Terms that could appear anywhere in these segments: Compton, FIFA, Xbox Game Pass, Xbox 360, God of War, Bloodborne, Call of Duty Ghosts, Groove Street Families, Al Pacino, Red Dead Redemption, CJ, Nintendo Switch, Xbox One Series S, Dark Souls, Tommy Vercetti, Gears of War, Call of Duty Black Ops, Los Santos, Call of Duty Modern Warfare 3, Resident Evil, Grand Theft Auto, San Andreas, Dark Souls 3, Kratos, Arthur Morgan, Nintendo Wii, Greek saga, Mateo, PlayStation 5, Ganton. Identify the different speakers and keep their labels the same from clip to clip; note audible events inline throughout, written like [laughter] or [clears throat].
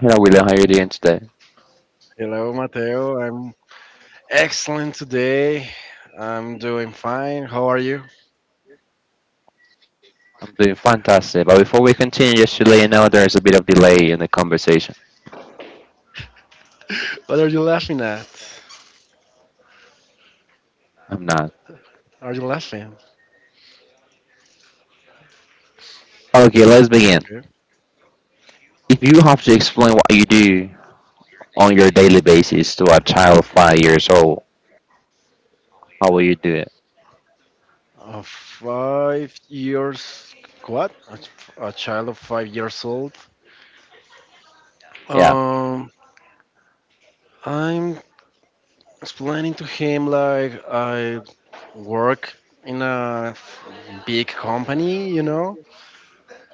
Speaker 1: Hello, William. How are you doing today?
Speaker 2: Hello, Mateo. I'm excellent today. I'm doing fine. How are you?
Speaker 1: I'm doing fantastic. But before we continue, just to let you know there is a bit of delay in the conversation.
Speaker 2: What are you laughing at?
Speaker 1: I'm not.
Speaker 2: Are you laughing?
Speaker 1: Okay, let's begin.
Speaker 2: Okay.
Speaker 1: If you have to explain what you do on your daily basis to a child 5 years old, how will you do it?
Speaker 2: A five years. What? A child of five years old.
Speaker 1: Yeah.
Speaker 2: Um, I'm explaining to him like I work in a big company, you know,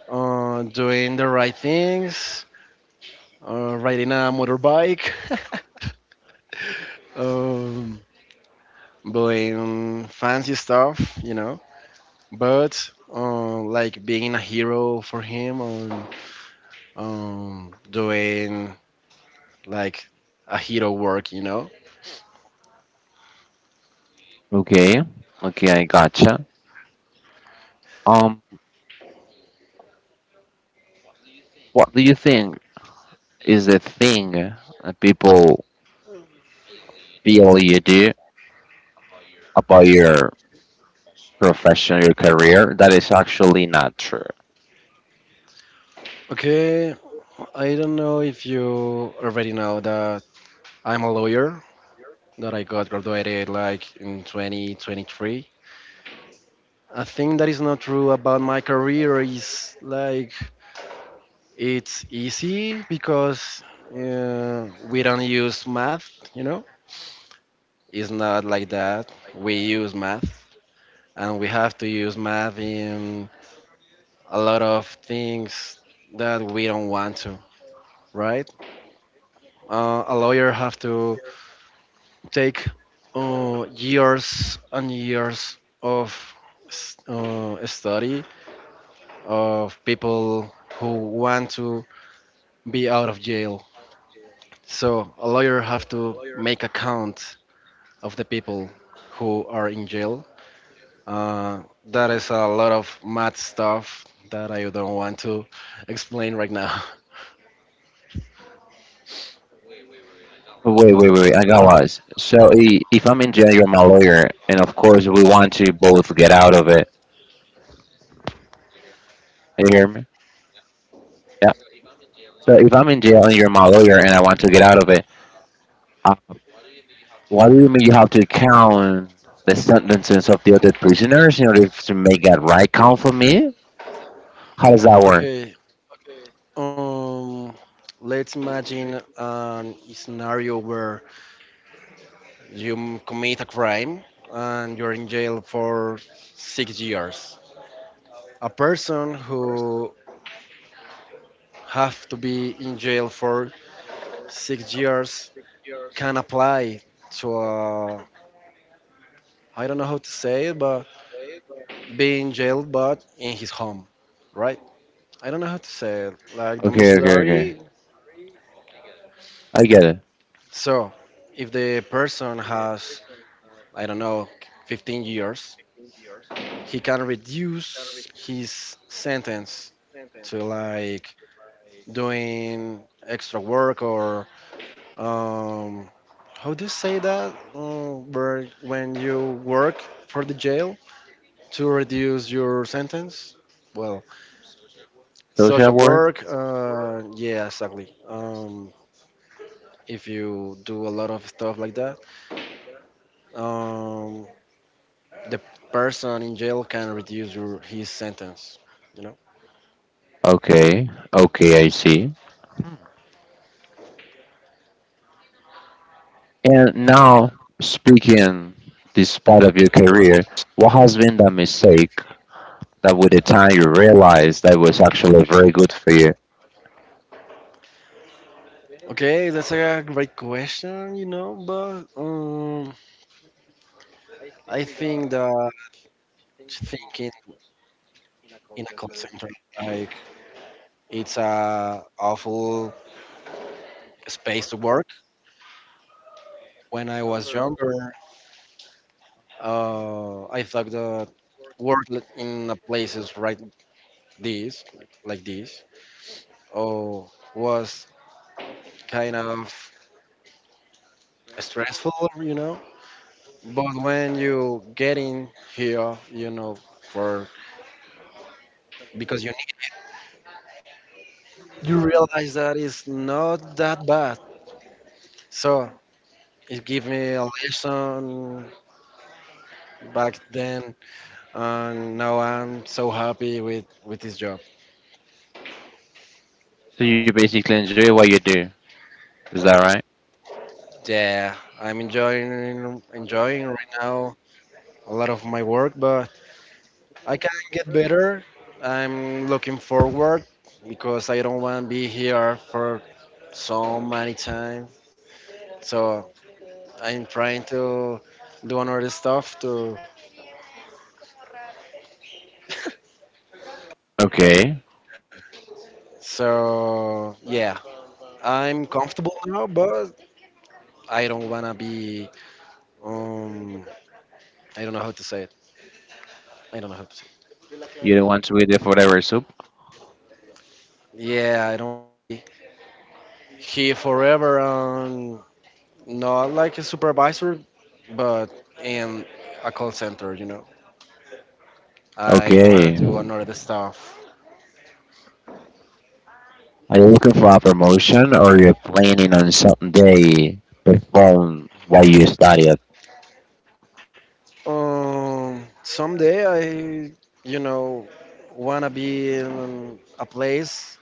Speaker 2: doing the right things, riding a motorbike. [laughs] um, buying fancy stuff, you know. But like being a hero for him on doing like a hero work, you know.
Speaker 1: Okay. Okay, I gotcha. Um, what do you think is the thing that people feel you do about your profession, your career that is actually not true?
Speaker 2: Okay, I don't know if you already know that I'm a lawyer that I got graduated like in 2023. A thing that is not true about my career is like it's easy because we don't use math, you know. It's not like that. We use math, and we have to use math in a lot of things that we don't want to, right? A lawyer have to take years and years of study of people who want to be out of jail. So a lawyer have to make account of the people who are in jail. That is a lot of math stuff that I don't want to explain right now. [laughs]
Speaker 1: Wait, wait, wait, wait, I got lost. So if I'm in jail, you're my lawyer, and of course we want to both get out of it. You hear me? Yeah. So if I'm in jail and you're my lawyer and I want to get out of it, uh, why do you mean you have to count the sentences of the other prisoners in order to make that right count for me? How does that work?
Speaker 2: Okay, um, let's imagine a scenario where you commit a crime and you're in jail for 6 years. A person who have to be in jail for 6 years can apply to ai don't know how to say it, but be in jail, but in his home, right? I don't know how to say it, like
Speaker 1: Okay, okay, okay.
Speaker 2: domiciliary.
Speaker 1: I get it.
Speaker 2: So, if the person has, I don't know, 15 years, he can reduce his sentence to like doing extra work or, um, how do you say that? Where, when you work for the jail to reduce your sentence? Well,
Speaker 1: So should that
Speaker 2: social
Speaker 1: work?
Speaker 2: work, yeah, exactly. If you do a lot of stuff like that, um, the person in jail can reduce his sentence. You know.
Speaker 1: Okay, okay, I see. And now speaking, this part of your career, what has been the mistake that with the time you realize that was actually very good for you.
Speaker 2: Okay, that's a great question. You know, but I think that thinking in a call center like it's a awful space to work. When I was younger, I thought that in a places right this like this, oh, was kind of stressful. You know, but when you get in here, you know, for because you need, you realize that it's not that bad. So it gave me a lesson back then, and now I'm so happy with this job.
Speaker 1: So you basically enjoy what you do. Is that right?
Speaker 2: Yeah, I'm enjoying right now a lot of my work, but I can get better. I'm looking forward because I don't want to be here for so many time. So I'm trying to do another stuff to.
Speaker 1: Okay.
Speaker 2: So yeah, I'm comfortable now, but I don't wanna be. Um, I don't know how to say it. I don't know how to say.
Speaker 1: You don't want to wait there forever, soup.
Speaker 2: It. Yeah, I don't. He forever on not like a supervisor, but in a call center. You know, I wanna
Speaker 1: Okay.
Speaker 2: do another stuff.
Speaker 1: Are you looking for a promotion or you're planning on someday perform what you studied?
Speaker 2: Someday I, you know, wanna be in a place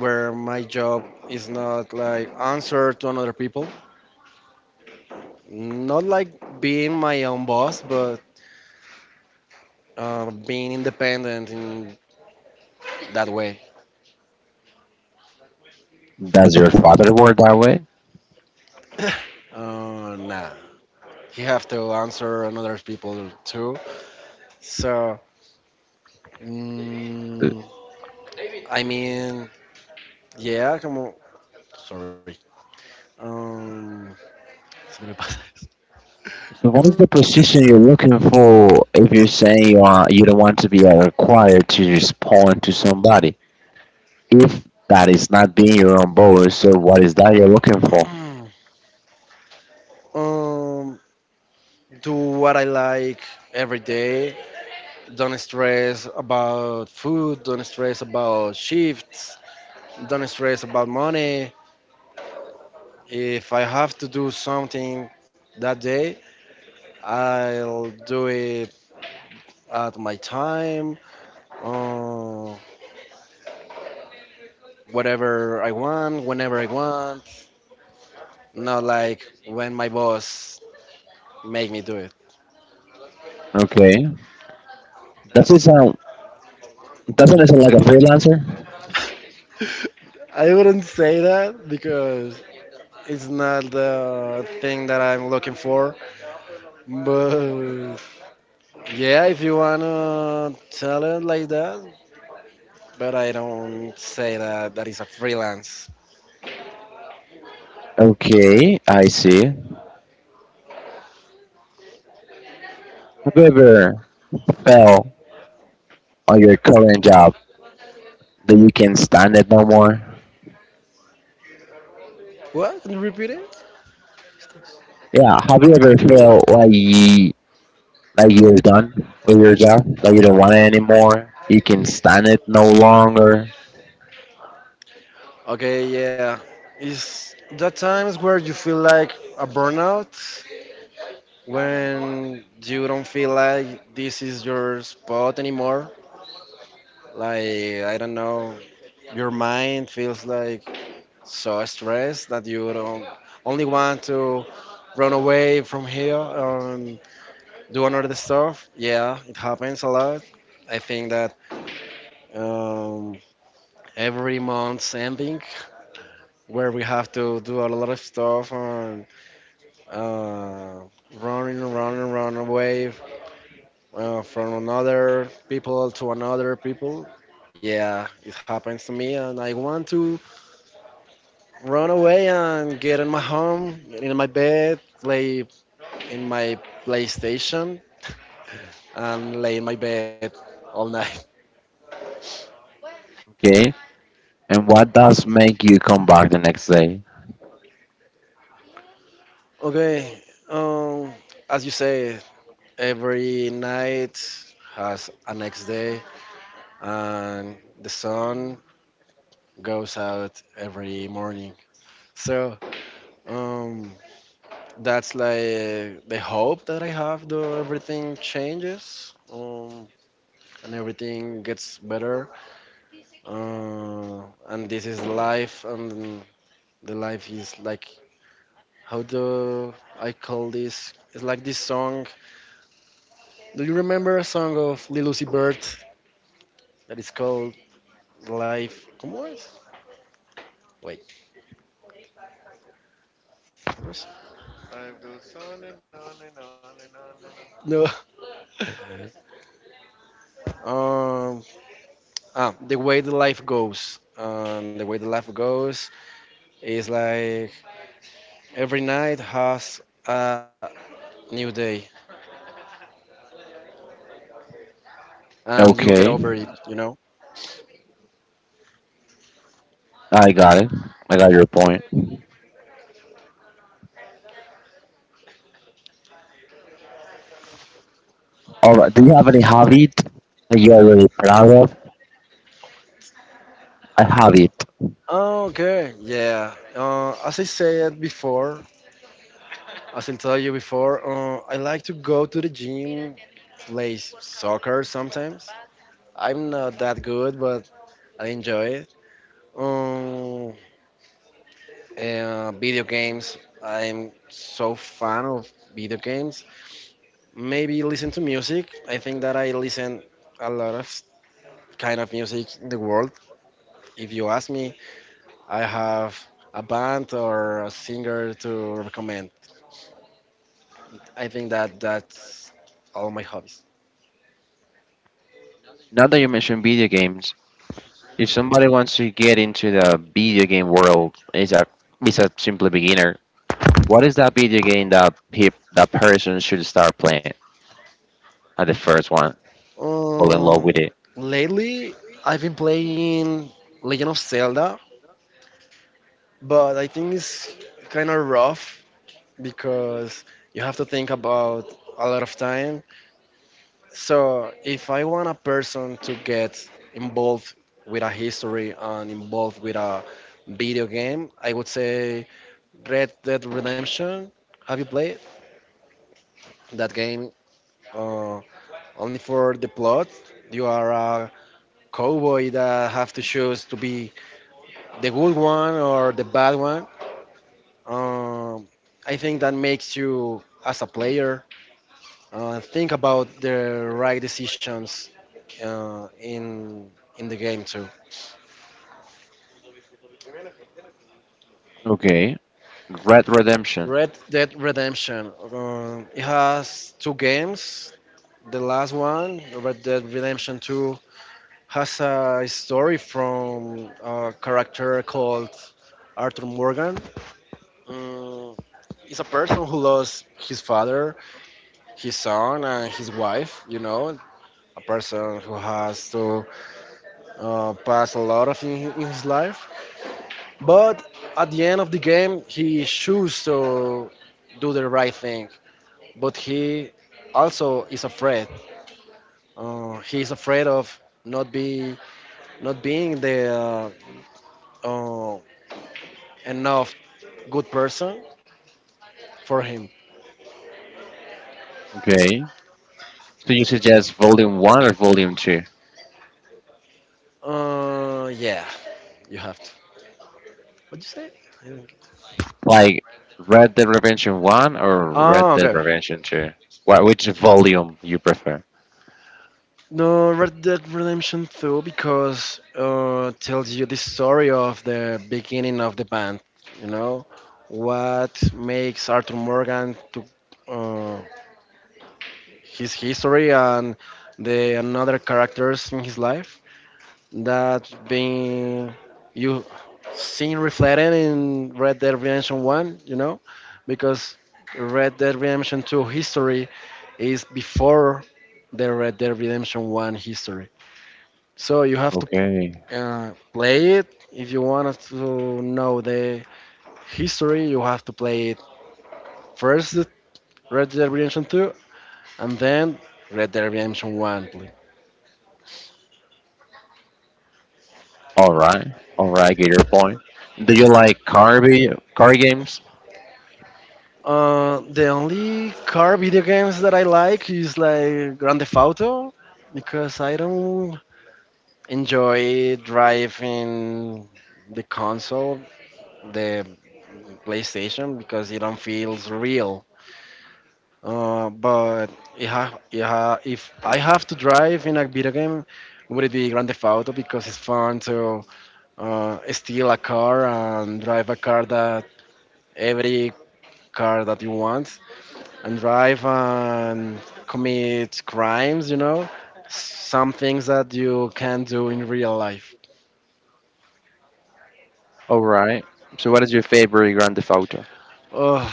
Speaker 2: where my job is not like answer to another people, not like being my own boss, but being independent in that way.
Speaker 1: Does your father work that way?
Speaker 2: [coughs] Nah, you have to answer another people too. So, mm, I mean, yeah, como, sorry. Um, se me pasa eso.
Speaker 1: So
Speaker 2: Como-
Speaker 1: what is the position you're looking for if you're saying you don't want to be required to respond to somebody? If that is not being your own boss, so what is that you're looking for?
Speaker 2: [coughs] [clears throat] um, do what I like every day. Don't stress about food, don't stress about shifts, don't stress about money. If I have to do something that day, I'll do it at my time, uh, whatever I want, whenever I want, not like when my boss make me do it.
Speaker 1: Okay. Doesn't sound doesn't it sound like a freelancer?
Speaker 2: [laughs] I wouldn't say that because it's not the thing that I'm looking for, but yeah, if you wanna tell it like that, but I don't say that that is a freelance.
Speaker 1: Okay, I see. Have you ever fell on your current job that you can stand it no more?
Speaker 2: What? Can you repeat it?
Speaker 1: Yeah. Have you ever felt like you like you're done with your job, like you don't want it anymore, you can stand it no longer?
Speaker 2: Okay, yeah. Is that times where you feel like a burnout when you don't feel like this is your spot anymore? Like I don't know, your mind feels like so stressed that you don't only want to run away from here. Do another stuff. Yeah, it happens a lot. I think that um, every month's ending, where we have to do a lot of stuff and uh, running away from another people to another people. Yeah, it happens to me, and I want to run away and get in my home, in my bed, play in my PlayStation, and lay in my bed all [laughs] night.
Speaker 1: Okay. And what does make you come back the next day?
Speaker 2: Okay. Um, as you say, every night has a next day, and the sun goes out every morning. So um, that's like the hope that I have. Though everything changes, and everything gets better. And this is life, and the life is like how do I call this? It's like this song. Do you remember a song of Lil Uzi Vert that is called Life? ¿Cómo es? Wait. ¿Cómo es? No. Um, ah, the way the life goes. The way the life goes is like every night has a new day, and you'll get
Speaker 1: Okay,
Speaker 2: over it. You know.
Speaker 1: I got it. I got your point. All right. Do you have any hobby that you are really proud of? I have it.
Speaker 2: Oh, okay. Yeah. As I told you before, I like to go to the gym, play soccer sometimes. I'm not that good, but I enjoy it. Um, video games. I'm so fan of video games. Maybe listen to music. I think that I listen a lot of kind of music in the world. If you ask me, I have a band or a singer to recommend. I think that that's all my hobbies.
Speaker 1: Now that you mentioned video games, if somebody wants to get into the video game world, is a simply beginner. What is that video game that that person should start playing at the first one? Fall in love
Speaker 2: Um,
Speaker 1: with it.
Speaker 2: lately, I've been playing Legend of Zelda, but I think it's kind of rough because you have to think about a lot of time. So if I want a person to get involved with a history and involved with a video game, I would say Red Dead Redemption. Have you played that game? Uh, only for the plot, you are a cowboy that have to choose to be the good one or the bad one. Um, I think that makes you as a player think about the right decisions uh, in in the game too.
Speaker 1: Okay. Red Redemption.
Speaker 2: Red Dead Redemption. It has two games. The last one, Red Dead Redemption 2, has a story from a character called Arthur Morgan. Um, he's a person who lost his father, his son, and his wife, you know, a person who has to pass a lot of in his life. But at the end of the game, he chooses to do the right thing, but he also is afraid. He is afraid of not be not being the uh, uh, enough good person for him.
Speaker 1: Okay. So you suggest Volume One or Volume Two?
Speaker 2: Yeah, you have to. What you say? I don't get-
Speaker 1: Like Red Dead Redemption One or
Speaker 2: ah,
Speaker 1: Red Dead
Speaker 2: okay.
Speaker 1: Redemption Two? What which volume you prefer?
Speaker 2: No, Red Dead Redemption 2 because tells you the story of the beginning of the band. You know what makes Arthur Morgan to uh, his history and the another characters in his life that being you seen reflected in Red Dead Redemption 1, you know, because Red Dead Redemption 2 history is before the Red Dead Redemption 1 history. So you have to
Speaker 1: Okay.
Speaker 2: play it if you want to know the history, you have to play it first Red Dead Redemption 2 and then Red Dead Redemption 1, please.
Speaker 1: All right. All right. Get your point. Do you like car video, car games?
Speaker 2: The only car video games that I like is like Grand Theft Auto because I don't enjoy driving the console, the PlayStation, because it don't feels real. But if I have to drive in a video game, would it be Grand Theft Auto because it's fun to steal a car and drive a car that every car that you want and drive and commit crimes, you know, some things that you can do in real life.
Speaker 1: All right. So, what is your favorite Grand Theft Auto?
Speaker 2: Oh,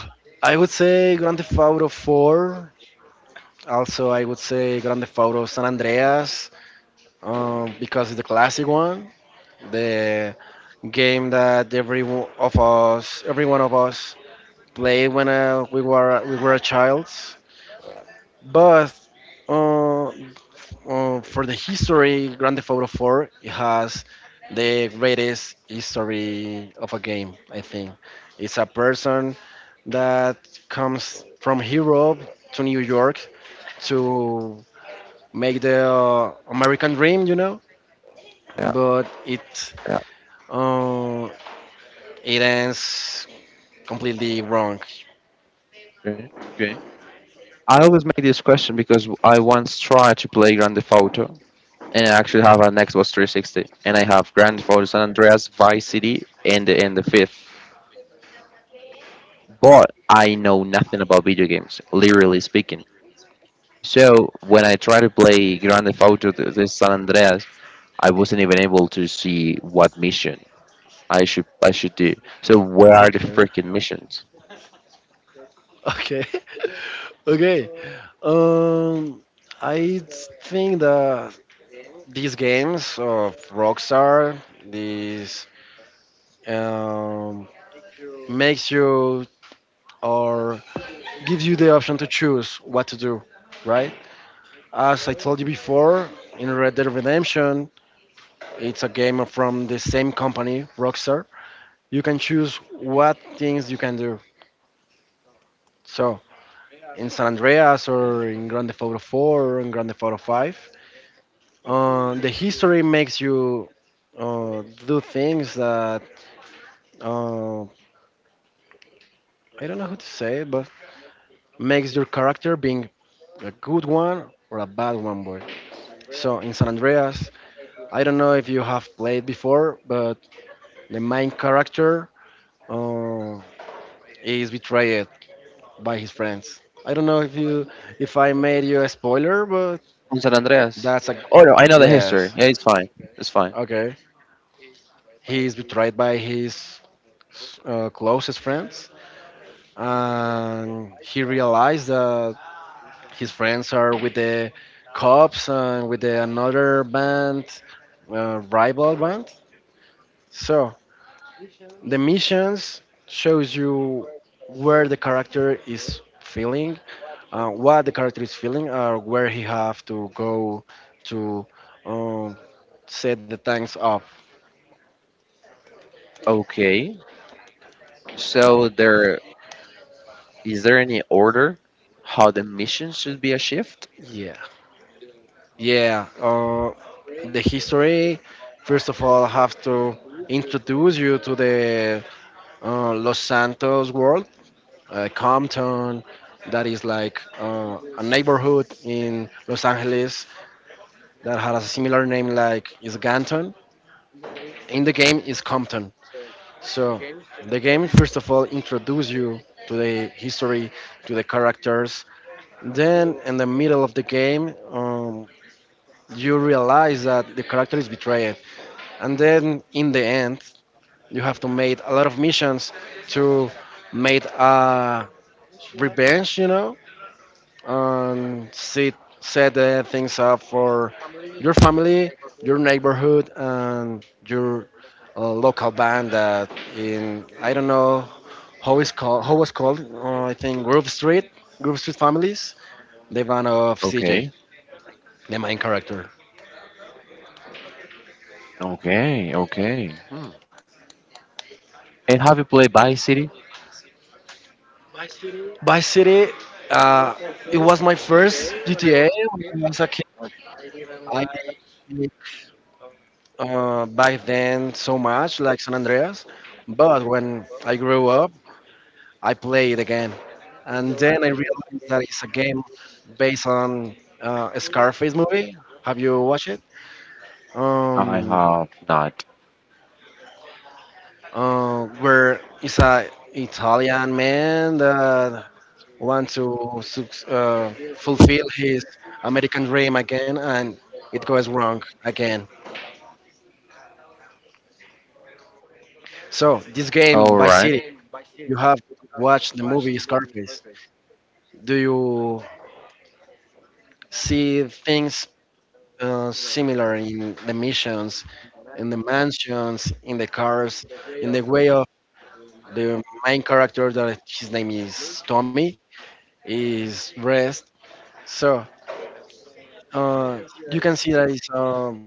Speaker 2: I would say Grand Theft Auto 4. Also, I would say Grand Theft Auto San Andreas, because it's the classic one, the game that every one of us played when we were a child. But uh, for the history, Grand Theft Auto 4 it has the greatest history of a game. I think it's a person that comes from Europe to New York to make the American dream, you know.
Speaker 1: Yeah,
Speaker 2: But it
Speaker 1: yeah.
Speaker 2: uh, it ends completely wrong.
Speaker 1: Okay, okay. I always make this question because I once tried to play Grand Theft Auto, and I actually have an Xbox 360, and I have Grand Theft Auto San Andreas, Vice City, and the fifth. But I know nothing about video games, literally speaking. So when I tried to play Grand Theft Auto the San Andreas, I wasn't even able to see what mission I should do. So where are the
Speaker 2: Okay. [laughs]
Speaker 1: freaking missions?
Speaker 2: Okay, [laughs] okay. Um, I think that these games of Rockstar, these um, makes you or gives you the option to choose what to do, right? As I told you before, in Red Dead Redemption, it's a game from the same company, Rockstar. You can choose what things you can do. So in San Andreas or in Grand Theft Auto 4 or in Grand Theft Auto 5, the history makes you do things that uh, I don't know how to say, but makes your character being a good one or a bad one, boy. So in San Andreas, I don't know if you have played before, but the main character uh, is betrayed by his friends. I don't know if you if I made you a spoiler, but
Speaker 1: On San Andreas.
Speaker 2: that's a
Speaker 1: Oh no, I know the history.
Speaker 2: yes.
Speaker 1: Yeah, it's fine. It's fine.
Speaker 2: Okay, he is betrayed by his closest friends, and he realized that his friends are with the cops and with the another band, rival band, so the missions shows you where the character is feeling, what the character is feeling or where he have to go to, um, set the tanks up.
Speaker 1: Okay. So there is there any order how the mission should be achieved?
Speaker 2: Yeah, yeah. The history, first of all, have to introduce you to the los santos world, Compton, that is like a neighborhood in Los Angeles that has a similar name like is Ganton. In the game is Compton. So the game first of all introduce you to the history, to the characters. Then in the middle of the game, you realize that the character is betrayed, and then in the end, you have to make a lot of missions to make a revenge, you know, and set things up for your family, your neighborhood, and your local band that in I don't know how it's called how was called I think Groove Street, Groove Street Families, the band of CJ,
Speaker 1: Okay,
Speaker 2: the main character.
Speaker 1: okay, okay. Hmm. And have you played Vice City?
Speaker 2: Vice City, uh, it was my first GTA when I was a kid. I didn't, back then so much like San Andreas, but when I grew up I play it again, and then I realized that it's a game based on a Scarface movie. Have you watched it?
Speaker 1: I
Speaker 2: Um,
Speaker 1: have not.
Speaker 2: where it's a Italian man that wants to fulfill his American dream again, and it goes wrong again.
Speaker 1: All right.
Speaker 2: So this
Speaker 1: Okay,
Speaker 2: game by City, you have watched the movie Scarface. Do you see things similar in the missions, in the mansions, in the cars, in the way of the main character that his name is Tommy is dressed. So uh, you can see that it's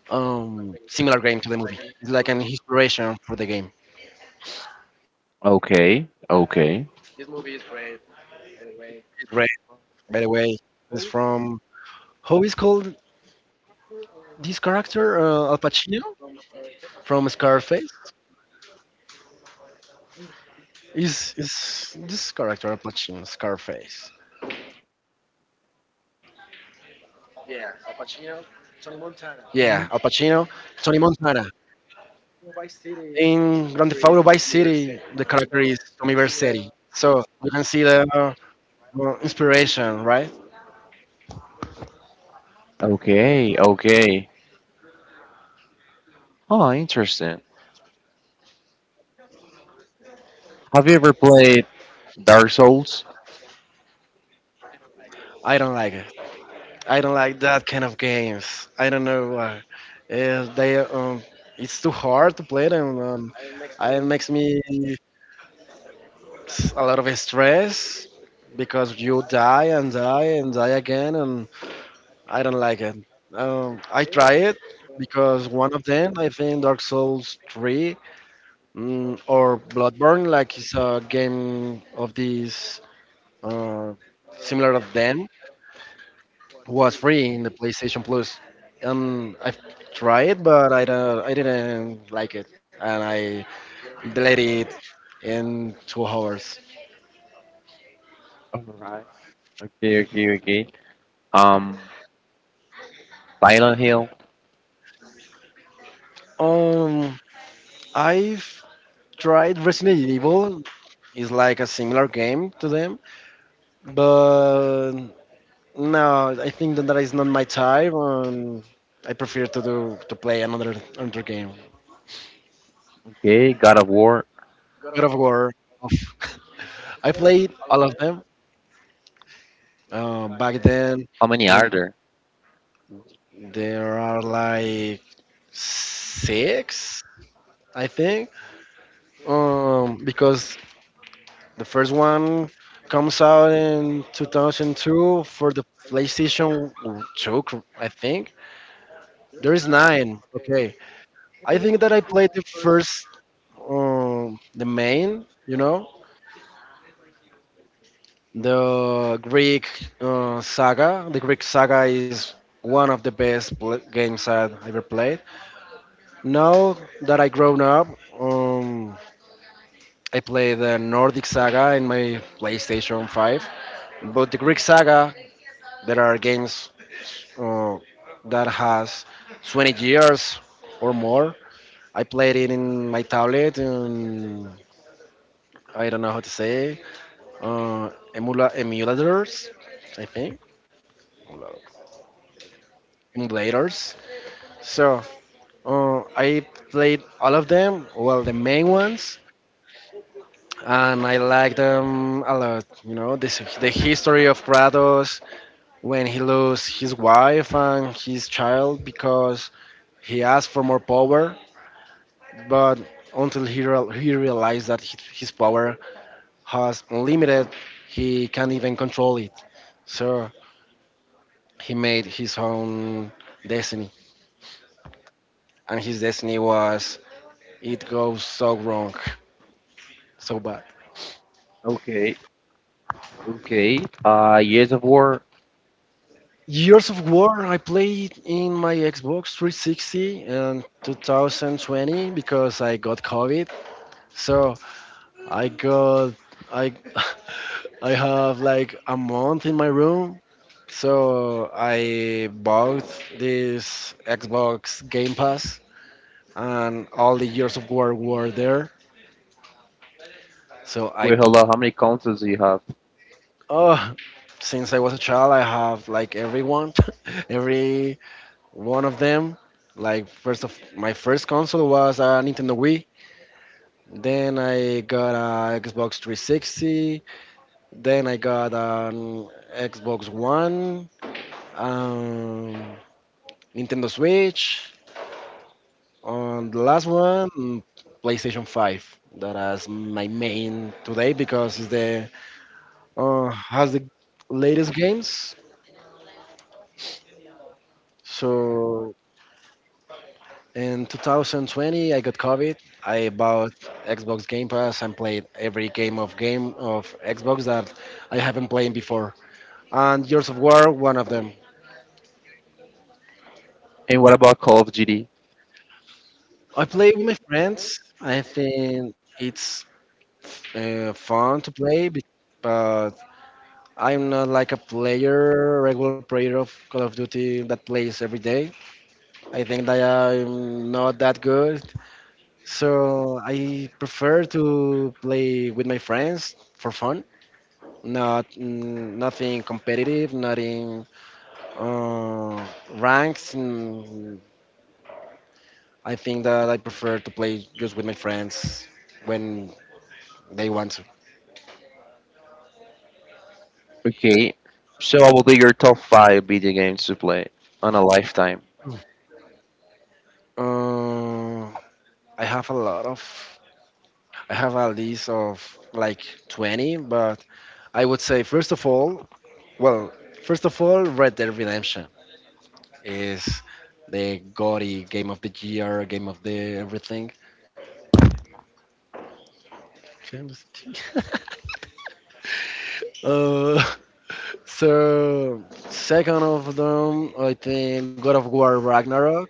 Speaker 2: similar game to the movie. It's like an inspiration for the game.
Speaker 1: okay,
Speaker 2: It's red, by the way. It's from how is called this character, Al Pacino from Scarface. Is this character Al Pacino Scarface? Yeah, Al Pacino, Tony Montana. In Grand Theft Auto Vice City, the character is Tommy Vercetti. So you can see the inspiration, right?
Speaker 1: okay, okay. Oh, interesting. Have you ever played Dark Souls?
Speaker 2: I don't like it. I don't like that kind of games. I don't know why. Uh, they, um, it's too hard to play them. It makes me a lot of stress because you die and die and die again, and I don't like it. I try it because one of them, I think Dark Souls 3, or Bloodborne, like it's a game of these uh, similar of them, was free in the PlayStation Plus. I've tried it, but I didn't like it, and I deleted it in 2 hours.
Speaker 1: All right. Okay, okay, okay. Um, Silent Hill.
Speaker 2: Um, I've tried Resident Evil. It's like a similar game to them, but no, I think that is not my type. I prefer to do to play another, another game.
Speaker 1: Okay, God of War.
Speaker 2: God of War. of- [laughs] I played all of them back then,
Speaker 1: How many are
Speaker 2: and
Speaker 1: there?
Speaker 2: there are like six, I think. Because the first one comes out in 2002 for the PlayStation 2, I think. There is nine. Okay, I think that I played the first, the main, you know, the Greek saga. The Greek saga is one of the best games I ever played. Now that I grown up, um, I play the Nordic saga in my PlayStation 5. But the Greek saga, there are games uh, that has 20 years or more. I played it in my tablet and I don't know how to say, emulators, I think emulators. So I played all of them, well the main ones, and I like them a lot. You know, this the history of Kratos when he lost his wife and his child because he asked for more power, but until he real he realized that his power has unlimited, he can't even control it. So he made his own destiny, and his destiny was it goes so wrong, so bad.
Speaker 1: Okay, okay. Years of War.
Speaker 2: Years of War I played in my Xbox 360 in 2020 because I got COVID. So I got I [laughs] I have like a month in my room. So I bought this Xbox Game Pass and all the Years of War were there. So I.
Speaker 1: Wait, hold on. How many consoles do you have?
Speaker 2: Oh, since I was a child, I have like everyone, [laughs] every one of them. Like first of my first console was a Nintendo Wii. Then I got a Xbox 360. Then I got an Xbox One, um, Nintendo Switch. On the last one, PlayStation 5. That is my main today because it's the, has the latest games. So in 2020, I got COVID. I bought Xbox Game Pass and played every game of Xbox that I haven't played before. And Gears of War, one of them.
Speaker 1: And what about Call of Duty?
Speaker 2: I play with my friends. I think it's fun to play, but I'm not like a player, regular player of Call of Duty that plays every day. I think that I'm not that good, so I prefer to play with my friends for fun. Not, nothing competitive, not in uh, ranks. I think that I prefer to play just with my friends when they want to.
Speaker 1: Okay, so I will do your top five video games to play on a lifetime.
Speaker 2: Uh, I have a lot of. I have a list of like 20, but I would say first of all, well, first of all, Red Dead Redemption is the gaudy game of the year, game of the everything. [laughs] uh, So, second of them, I think God of War Ragnarok.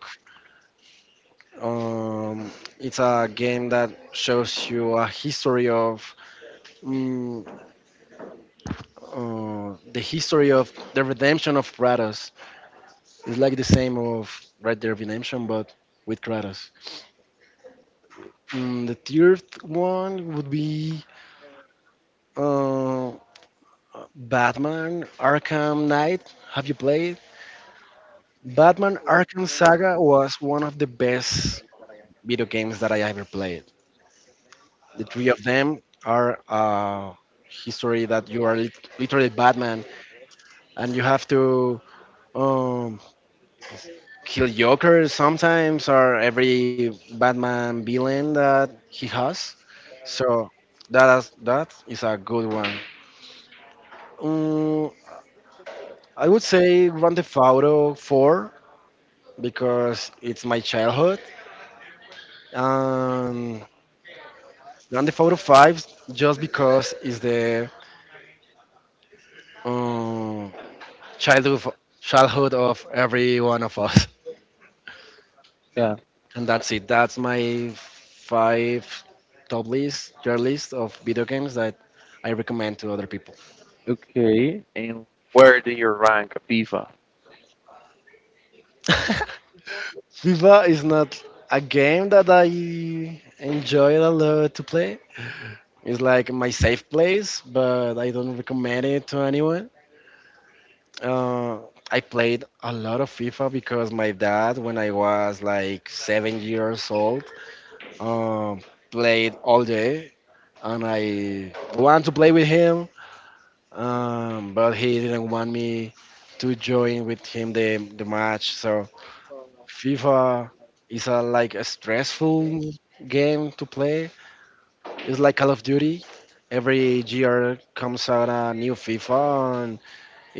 Speaker 2: Um, it's a game that shows you a history of, mm, the history of the redemption of Kratos. It's like the same of Red Dead Redemption, but with Kratos. The third one would be, uh, Batman Arkham Knight. Have you played? Batman Arkham Saga was one of the best video games that I ever played. The three of them are, history that you are literally Batman and you have to, um, kill Joker sometimes or every Batman villain that he has. So that is a good one. Um, I would say Grand Theft Auto 4 because it's my childhood. Um, Grand Theft Auto 5 just because it's the. um, childhood childhood of every one of us.
Speaker 1: Yeah.
Speaker 2: And that's it. That's my five top list, your list of video games that I recommend to other people.
Speaker 1: Okay. And where do you rank FIFA?
Speaker 2: [laughs] FIFA is not a game that I enjoy a lot to play. It's like my safe place, but I don't recommend it to anyone. Uh, I played a lot of FIFA because my dad, when I was like 7 years old, um, played all day and I want to play with him, but he didn't want me to join with him the match. So FIFA is a like a stressful game to play. It's like Call of Duty. Every year comes out a new FIFA, and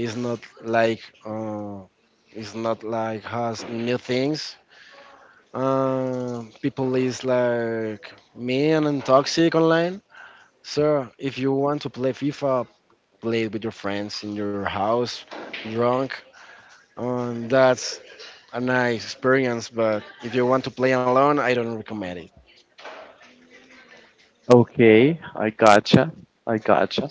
Speaker 2: it's not like uh, it's not like has new things. People is like mean and toxic online. So if you want to play FIFA played with your friends in your house, drunk. That's a nice experience, but if you want to play alone, I don't recommend it.
Speaker 1: Okay, I gotcha. I gotcha.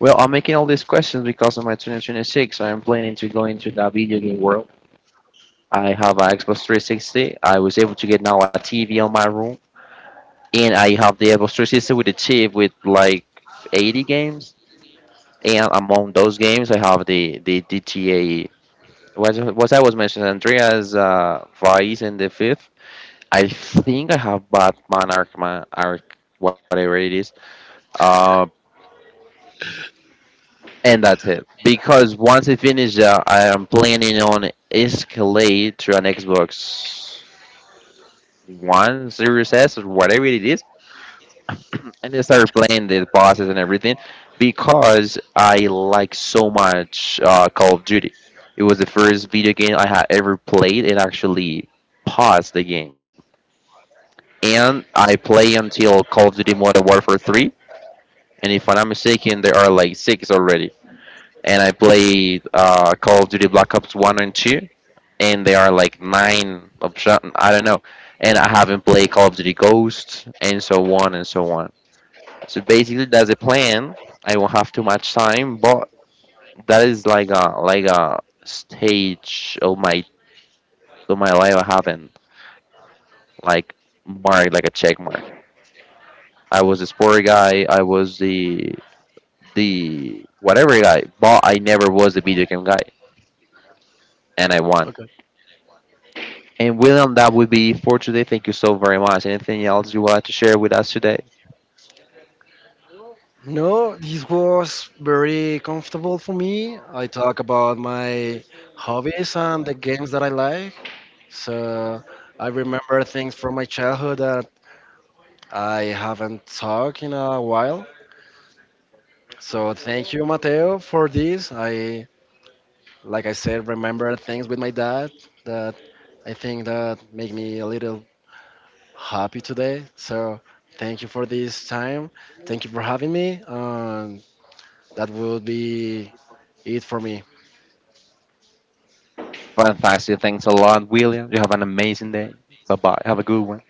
Speaker 1: Well, I'm making all these questions because of my 2026. I'm planning to go into the video game world. I have an Xbox 360. I was able to get now a TV on my room, and I have the Xbox 360 with the chip with like 80 games, and among those games I have the GTA, what I was mentioning, Andreas Vice and the fifth. I think I have Batman Arkham Ark, whatever it is. Uh, and that's it. Because once I finish that, I am planning on escalate to an Xbox One Series S or whatever it is, and I started playing the bosses and everything because I like so much Call of Duty. It was the first video game I had ever played and actually paused the game. And I play until Call of Duty Modern Warfare 3, and if I'm not mistaken, there are like six already. And I played Call of Duty Black Ops 1 and 2, and there are like nine option. I don't know. And I haven't played Call of Duty Ghosts and so on and so on. So basically, that's a plan. I won't have too much time, but that is like a stage of my life. I haven't like marked like a check mark. I was a sport guy. I was the whatever guy, but I never was the video game guy, and I won.
Speaker 2: Okay.
Speaker 1: And William, that would be for today. Thank you so very much. Anything else you want to share with us today?
Speaker 2: No, this was very comfortable for me. I talk about my hobbies and the games that I like. So I remember things from my childhood that I haven't talked in a while. So thank you, Mateo, for this. I, like I said, remember things with my dad that I think that made me a little happy today. So thank you for this time. Thank you for having me. And that will be it for me.
Speaker 1: Fantastic. Thanks a lot, William. You have an amazing day. Bye bye. Have a good one.